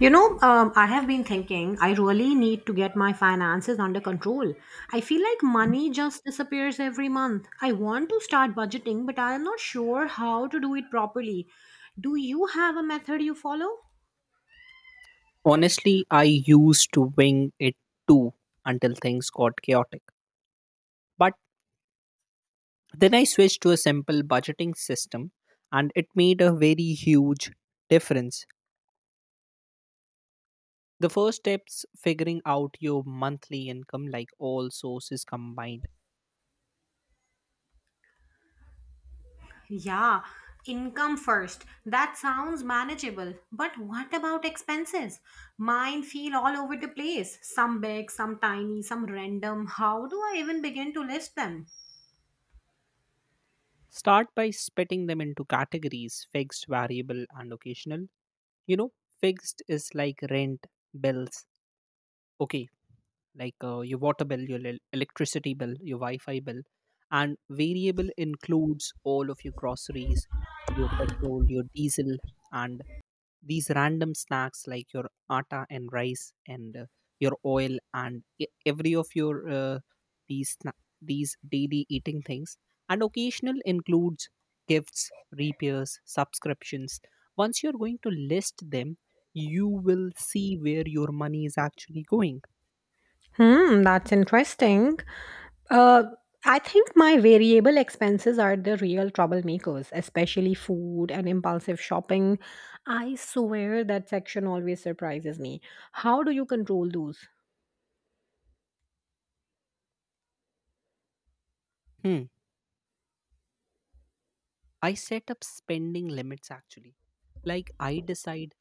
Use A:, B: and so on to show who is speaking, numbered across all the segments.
A: I have been thinking I really need to get my finances under control. I feel like money just disappears every month. I want to start budgeting, but I am not sure how to do it properly. Do you have a method you follow?
B: Honestly, I used to wing it too until things got chaotic. But then I switched to a simple budgeting system, and it made a very huge difference. The first steps figuring out your monthly income, like all sources combined.
A: Yeah, income first. That sounds manageable. But what about expenses? Mine feel all over the place. Some big, some tiny, some random. How do I even begin to list them?
B: Start by splitting them into categories fixed, variable, and occasional. You know, fixed is like rent, bills. Okay, like your water bill, your electricity bill, your Wi-Fi bill, and variable includes all of your groceries, your petrol, your diesel, and these random snacks like your atta and rice and your oil and every of your these these daily eating things, and occasional includes gifts, repairs, subscriptions. Once you're going to list them, you will see where your money is actually going.
A: Hmm, that's interesting. Uh, I think my variable expenses are the real troublemakers, especially food and impulsive shopping. I swear that section always surprises me. How do you control those?
B: Hmm. I set up spending limits actually. Like I decide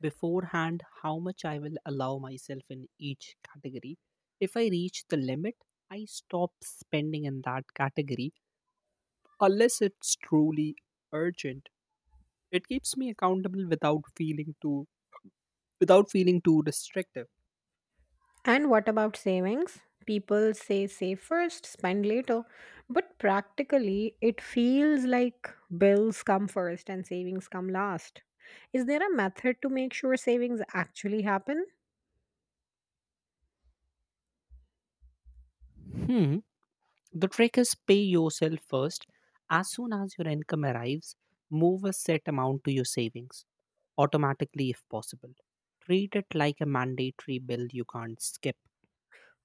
B: beforehand how much I will allow myself in each category. If I reach the limit, I stop spending in that category unless it's truly urgent. It keeps me accountable without feeling too restrictive.
A: And what about savings? People say save first, spend later, but practically it feels like bills come first and savings come last. Is there a method to make sure savings actually happen?
B: Hmm. The trick is pay yourself first. As soon as your income arrives, move a set amount to your savings automatically if possible. Treat it like a mandatory bill you can't skip.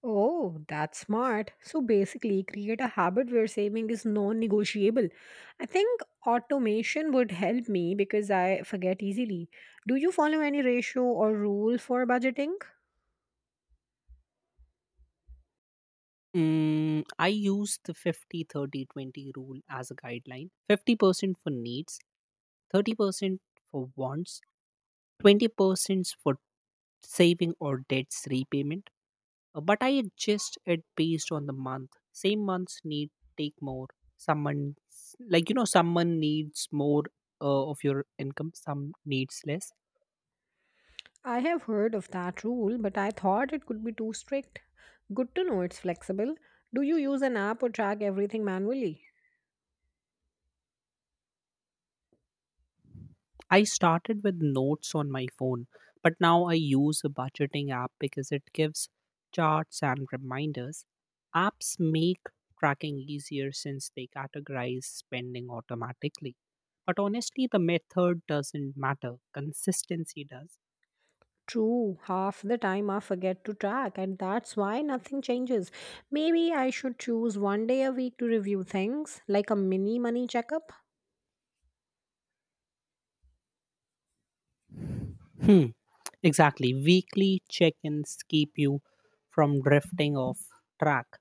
A: Oh, that's smart. So basically, create a habit where saving is non negotiable. I think automation would help me because I forget easily. Do you follow any ratio or rule for budgeting?
B: I use the 50, 30, 20 rule as a guideline. 50% for needs, 30% for wants, 20% for saving or debts repayment. But I adjust it based on the month. Same month's need take more. Someone, someone needs more of your income. Some needs less.
A: I have heard of that rule, but I thought it could be too strict. Good to know it's flexible. Do you use an app or track everything manually?
B: I started with notes on my phone, but now I use a budgeting app because it gives charts and reminders. Apps make tracking easier since they categorize spending automatically. But honestly, the method doesn't matter, consistency does.
A: True, half the time I forget to track, and that's why nothing changes. Maybe I should choose one day a week to review things, like a mini money checkup.
B: Hmm, exactly. Weekly check ins keep you from drifting off track.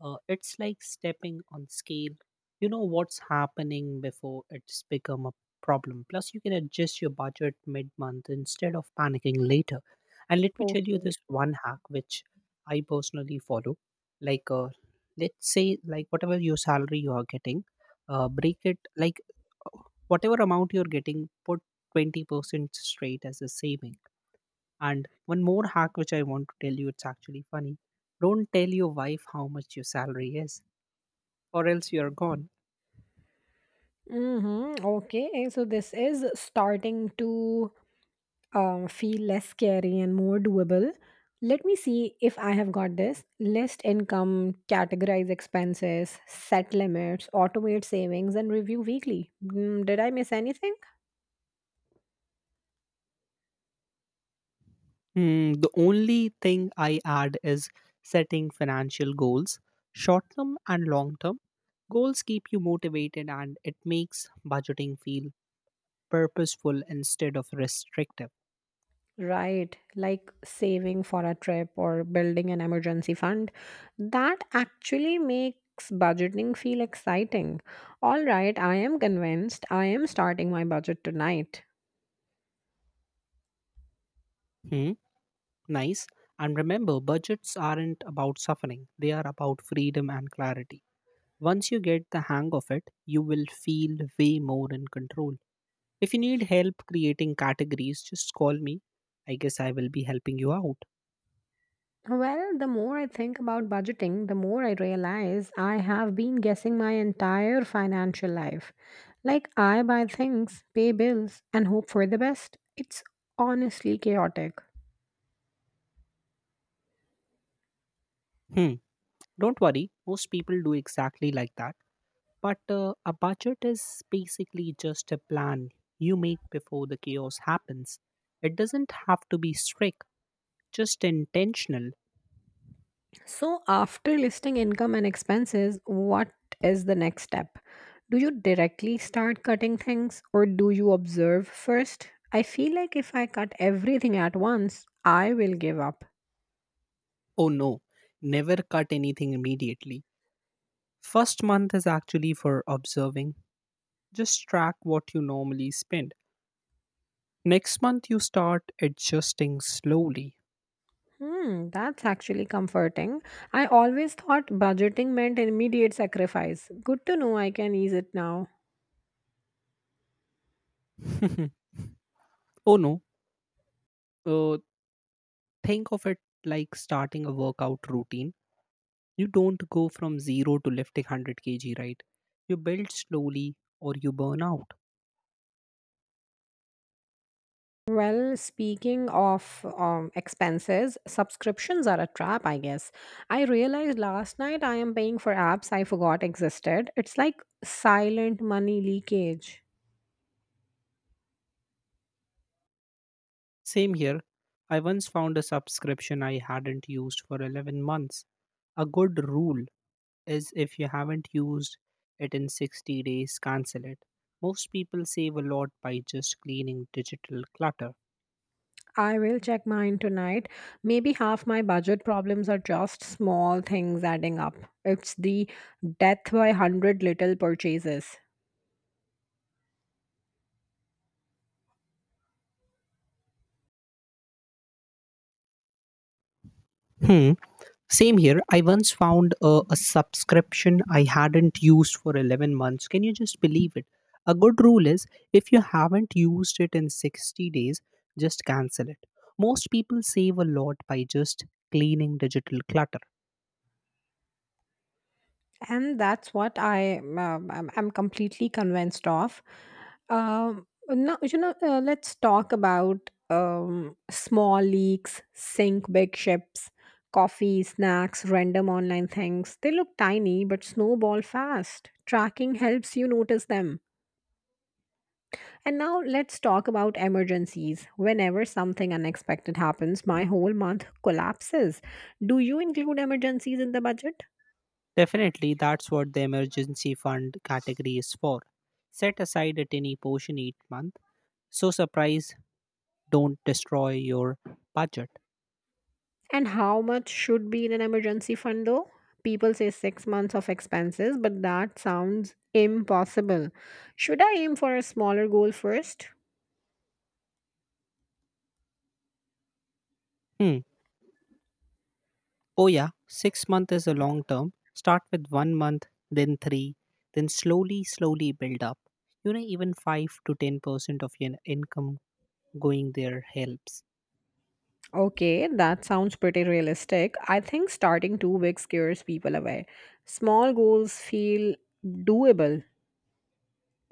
B: It's like stepping on scale. You know what's happening before it's become a problem. Plus, you can adjust your budget mid month instead of panicking later. And let me tell you
A: Okay.
B: this one hack which I personally follow. Like, let's say, like, whatever your salary you are getting, break it, like, uh, whatever amount you're getting, put 20% straight as a saving, and one more hack which I want to tell you, it's actually funny. Don't tell your wife how much your salary is, or else you're gone.
A: Mm-hmm. Okay. So this is starting to feel less scary and more doable. Let me see if I have got this. List income, categorize expenses, set limits, automate savings, and review weekly. Mm, did I miss anything?
B: Hmm, the only thing I add is setting financial goals, short term and long term. Goals keep you motivated, and it makes budgeting feel purposeful instead of restrictive.
A: Right, like saving for a trip or building an emergency fund. That actually makes budgeting feel exciting. All right, I am convinced. I am starting my budget tonight.
B: Hmm, nice. And remember, budgets aren't about suffering, they are about freedom and clarity. Once you get the hang of it, you will feel way more in control. If you need help creating categories, just call me. I guess I will be helping you out.
A: Well, the more I think about budgeting, the more I realize I have been guessing my entire financial life. Like, I buy things, pay bills, and hope for the best. It's honestly chaotic.
B: Hmm, don't worry, most people do exactly like that. But a budget is basically just a plan you make before the chaos happens. It doesn't have to be strict, just intentional.
A: So, after listing income and expenses, what is the next step? Do you directly start cutting things or do you observe first? I feel like if I cut everything at once, I will give up.
B: Oh no, never cut anything immediately. First month is actually for observing. Just track what you normally spend. Next month, you start adjusting slowly.
A: Hmm, that's actually comforting. I always thought budgeting meant immediate sacrifice. Good to know I can ease it now.
B: Oh no, uh, think of it like starting a workout routine. You don't go from zero to lifting 100 kg, right? You build slowly or you burn out.
A: Well, speaking of expenses, subscriptions are a trap, I guess. I realized last night I am paying for apps I forgot existed. It's like silent money leakage.
B: Same here. I once found a subscription I hadn't used for 11 months. A good rule is if you haven't used it in 60 days, cancel it. Most people save a lot by just cleaning digital clutter.
A: I will check mine tonight. Maybe half my budget problems are just small things adding up. It's the death by 100 little purchases.
B: Hmm. Same here. I once found a subscription I hadn't used for 11 months. Can you just believe it? A good rule is if you haven't used it in 60 days, just cancel it. Most people save a lot by just cleaning digital clutter.
A: And that's what I'm completely convinced of. Now let's talk about small leaks, sink big ships, coffee, snacks, random online things. They look tiny but snowball fast. Tracking helps you notice them. And now let's talk about emergencies. Whenever something unexpected happens, my whole month collapses. Do you include emergencies in the budget?
B: Definitely, that's what the emergency fund category is for. Set aside a tiny portion each month. So, surprise, don't destroy your budget.
A: And how much should be in an emergency fund though? People say six months of expenses, but that sounds impossible. Should I aim for a smaller goal first?
B: Hmm. Oh, yeah, 6 months is a long term. Start with 1 month, then three, then slowly, slowly build up. You know, even 5 to 10% of your income going there helps.
A: Okay, that sounds pretty realistic. I think starting too big scares people away. Small goals feel doable.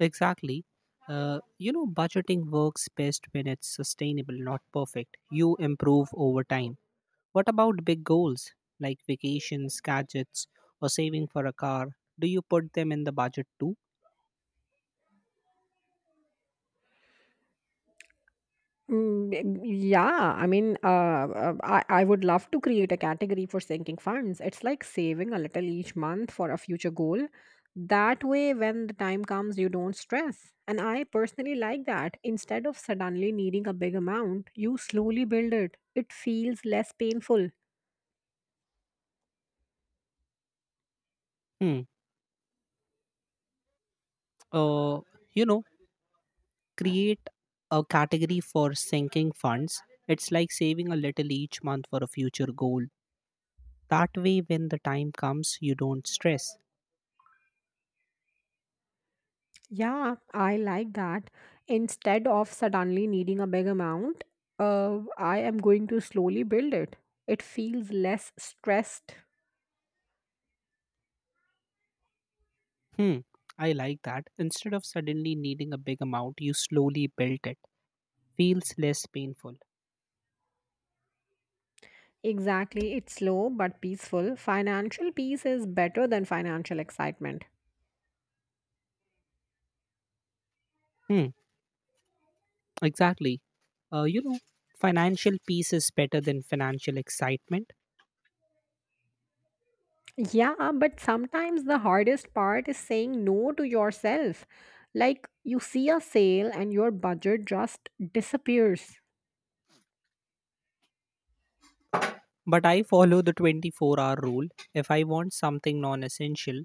B: Exactly. You know, budgeting works best when it's sustainable, not perfect. You improve over time. What about big goals like vacations, gadgets, or saving for a car? Do you put them in the budget too?
A: Mm, b- yeah, I mean, I would love to create a category for sinking funds. It's like saving a little each month for a future goal. That way, when the time comes, you don't stress. And I personally like that. Instead of suddenly needing a big amount, you slowly build it. It feels less painful.
B: Hmm. uh, you know, create a category for sinking funds. It's like saving a little each month for a future goal. That way, when the time comes, you don't stress.
A: Yeah, I like that. Instead of suddenly needing a big amount, I am going to slowly build it. It feels less stressed.
B: Hmm, I like that. Instead of suddenly needing a big amount, you slowly build it. Feels less painful.
A: Exactly, it's slow but peaceful. Financial peace is better than financial excitement.
B: Hmm, exactly. You know, financial peace is better than financial excitement.
A: Yeah, but sometimes the hardest part is saying no to yourself. Like you see a sale and your budget just disappears.
B: But I follow the 24-hour rule. If I want something non essential,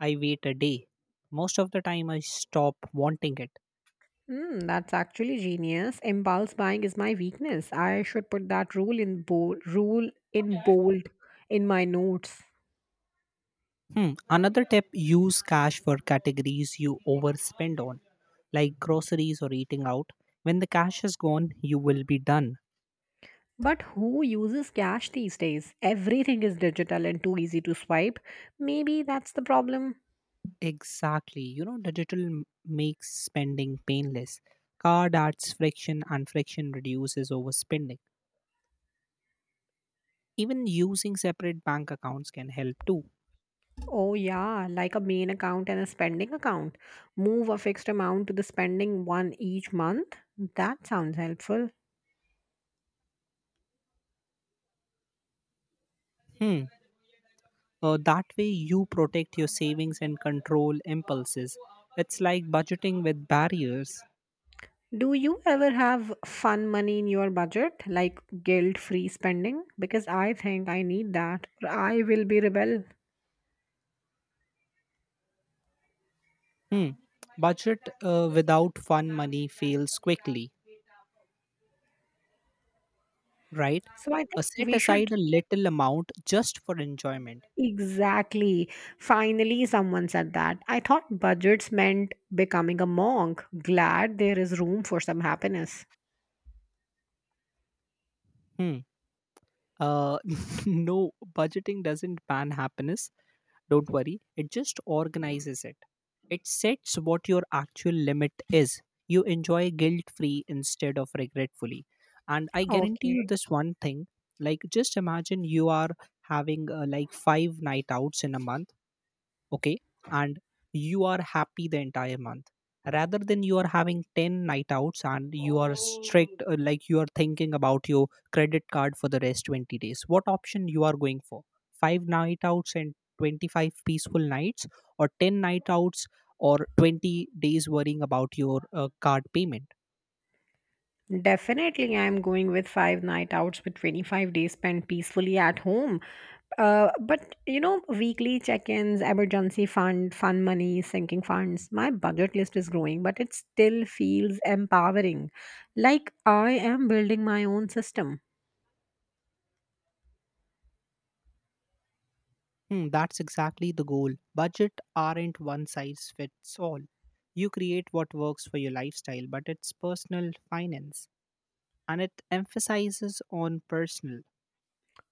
B: I wait a day. Most of the time, I stop wanting it.
A: Hmm, that's actually genius. Impulse buying is my weakness. I should put that rule in bold in my notes.
B: Hmm. Another tip use cash for categories you overspend on, like groceries or eating out. When the cash is gone, you will be done.
A: But who uses cash these days? Everything is digital and too easy to swipe. Maybe that's the problem.
B: Exactly. You know, digital makes spending painless. Card adds friction, and friction reduces overspending. Even using separate bank accounts can help too.
A: Oh, yeah, like a main account and a spending account. Move a fixed amount to the spending one each month. That sounds helpful.
B: Hmm. That way, you protect your savings and control impulses. It's like budgeting with barriers.
A: Do you ever have fun money in your budget, like guilt free spending? Because I think I need that, or I will be rebel.
B: Hmm. Budget without fun money fails quickly, right?
A: So I think
B: Set
A: we
B: aside
A: should
B: a little amount just for enjoyment.
A: exactly. Finally, someone said that. I thought budgets meant becoming a monk. Glad there is room for some happiness.
B: Hmm. Uh, no, budgeting doesn't ban happiness. Don't worry. It just organizes it. It sets what your actual limit is. You enjoy guilt free instead of regretfully. And I guarantee you
A: Okay.
B: this one thing, like, just imagine you are having like five night outs in a month, okay, and you are happy the entire month rather than you are having 10 night outs and you are strict, like you are thinking about your credit card for the rest 20 days. What option you are going for? 5 night outs and 25 peaceful nights, or 10 night outs, or 20 days worrying about your card payment?
A: Definitely, I'm going with five night outs with 25 days spent peacefully at home. But weekly check ins, emergency fund, fun money, sinking funds. My budget list is growing, but it still feels empowering. Like I am building my own system.
B: Hmm, that's exactly the goal. Budget aren't one size fits all. You create what works for your lifestyle, but it's personal finance, and it emphasizes on personal.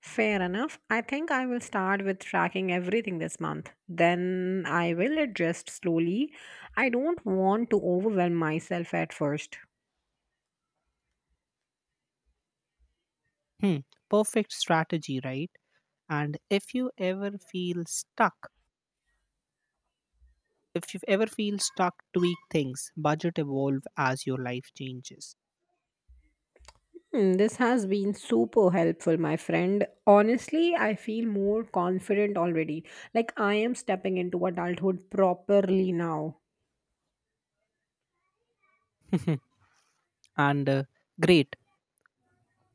A: Fair enough. I think I will start with tracking everything this month. Then I will adjust slowly. I don't want to overwhelm myself at first.
B: Hmm, perfect strategy, right? And if you ever feel stuck, if you ever feel stuck, tweak things, budget evolve as your life changes.
A: Hmm, this has been super helpful, my friend. Honestly, I feel more confident already. Like I am stepping into adulthood properly now.
B: And great,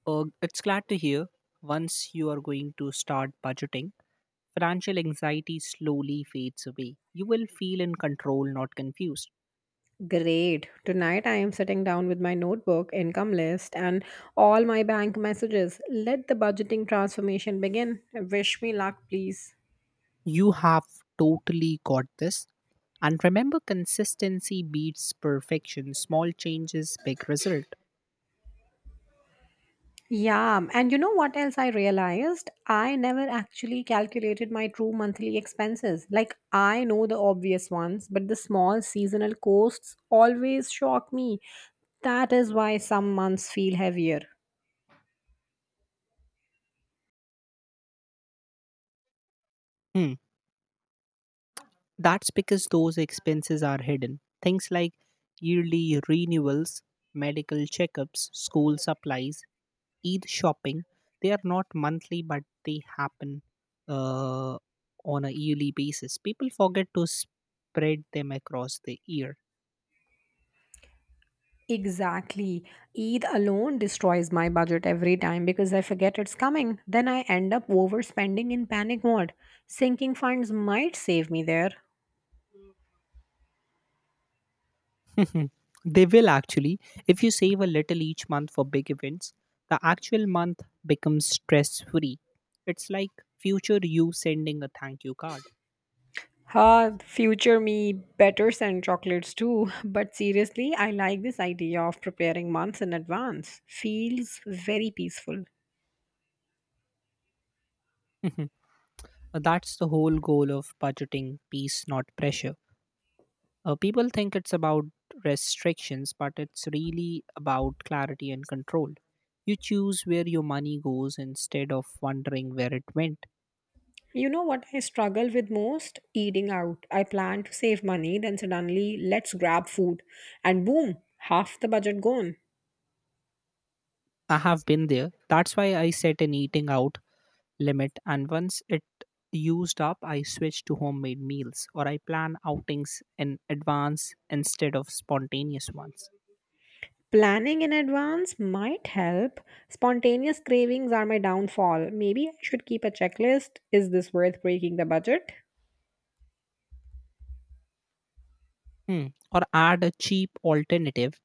B: it's glad to hear once you are going to start budgeting, financial anxiety slowly fades away. You will feel in control, not confused.
A: Great. Tonight I am sitting down with my notebook, income list, and all my bank messages. Let the budgeting transformation begin. Wish me luck, please.
B: You have totally got this. And remember, consistency beats perfection. Small changes, big result.
A: Yeah, and you know what else I realized? I never actually calculated my true monthly expenses. Like, I know the obvious ones, but the small seasonal costs always shock me. That is why some months feel heavier.
B: Hmm. That's because those expenses are hidden. Things like yearly renewals, medical checkups, school supplies, Eid shopping, they are not monthly, but they happen uh, on a yearly basis. People forget to spread them across the year.
A: Exactly. Eid alone destroys my budget every time because I forget it's coming. Then I end up overspending in panic mode. Sinking funds might save me there.
B: Mhm. They will actually. If you save a little each month for big events, the actual month becomes stress free. It's like future you sending a thank you card.
A: Ha, future me better send chocolates too. But seriously, I like this idea of preparing months in advance. Feels very peaceful.
B: Mhm. That's the whole goal of budgeting peace, not pressure. People think it's about restrictions, but it's really about clarity and control. You choose where your money goes instead of wondering where it went.
A: You know what I struggle with most? Eating out. I plan to save money, then suddenly let's grab food. And boom, half the budget gone.
B: I have been there. That's why I set an eating out limit, and once it used up I switch to homemade meals, or I plan outings in advance instead of spontaneous ones.
A: Planning in advance might help. Spontaneous cravings are my downfall. Maybe I should keep a checklist. Is this worth breaking the budget?
B: Hmm. Or add a cheap alternative,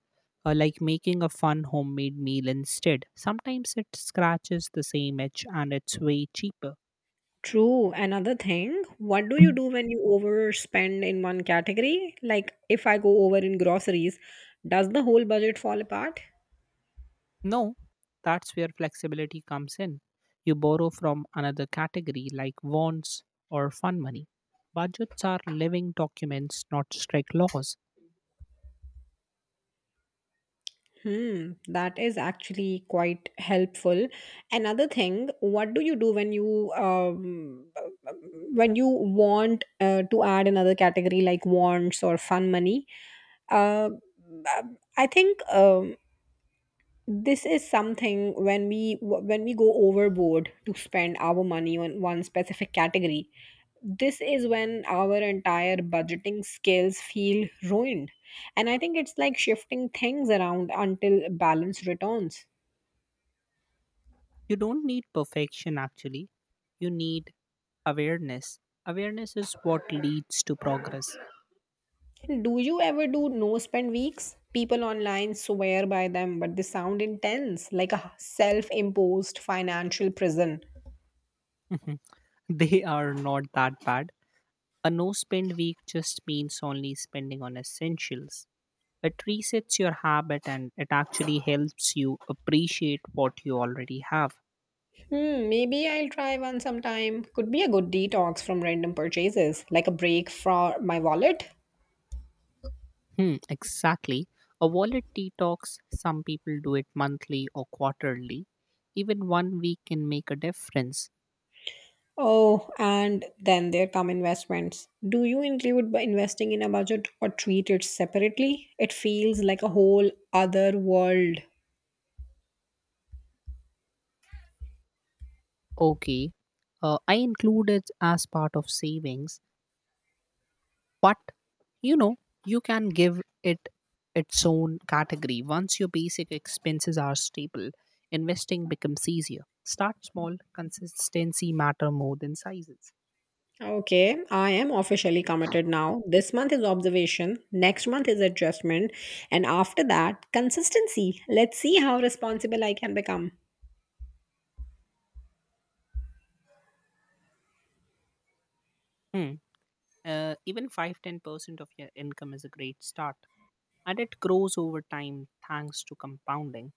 B: like making a fun homemade meal instead. Sometimes it scratches the same itch and it's way cheaper.
A: True. Another thing, what do you do when you overspend in one category? Like if I go over in groceries, does the whole budget fall apart?
B: No, that's where flexibility comes in. You borrow from another category, like wants or fun money. Budgets are living documents, not strict laws.
A: Hmm, that is actually quite helpful. Another thing, what do you do when you want to add another category like wants or fun money? Uh, I think this is something when we go overboard to spend our money on one specific category. This is when our entire budgeting skills feel ruined, and I think it's like shifting things around until balance returns.
B: You don't need perfection, actually. You need awareness. Awareness is what leads to progress.
A: Do you ever do no spend weeks? People online swear by them, but they sound intense, like a self-imposed financial prison.
B: Mhm. They are not that bad. A no spend week just means only spending on essentials. It resets your habit, and it actually helps you appreciate what you already have.
A: Hmm, maybe I'll try one sometime. Could be a good detox from random purchases, like a break for my wallet.
B: Hmm, exactly. A wallet detox, some people do it monthly or quarterly. Even 1 week can make a difference.
A: Oh, and then there come investments. Do you include by investing in a budget or treat it separately? It feels like a whole other world.
B: Okay. I include it as part of savings, but you know, you can give it its own category. Once your basic expenses are stable, investing becomes easier. Start small, consistency matter more than sizes.
A: Okay, I am officially committed now. This month is observation, next month is adjustment, and after that, consistency. Let's see how responsible I can become.
B: Hmm. Even five, 10% of your income is a great start, and it grows over time thanks to compounding.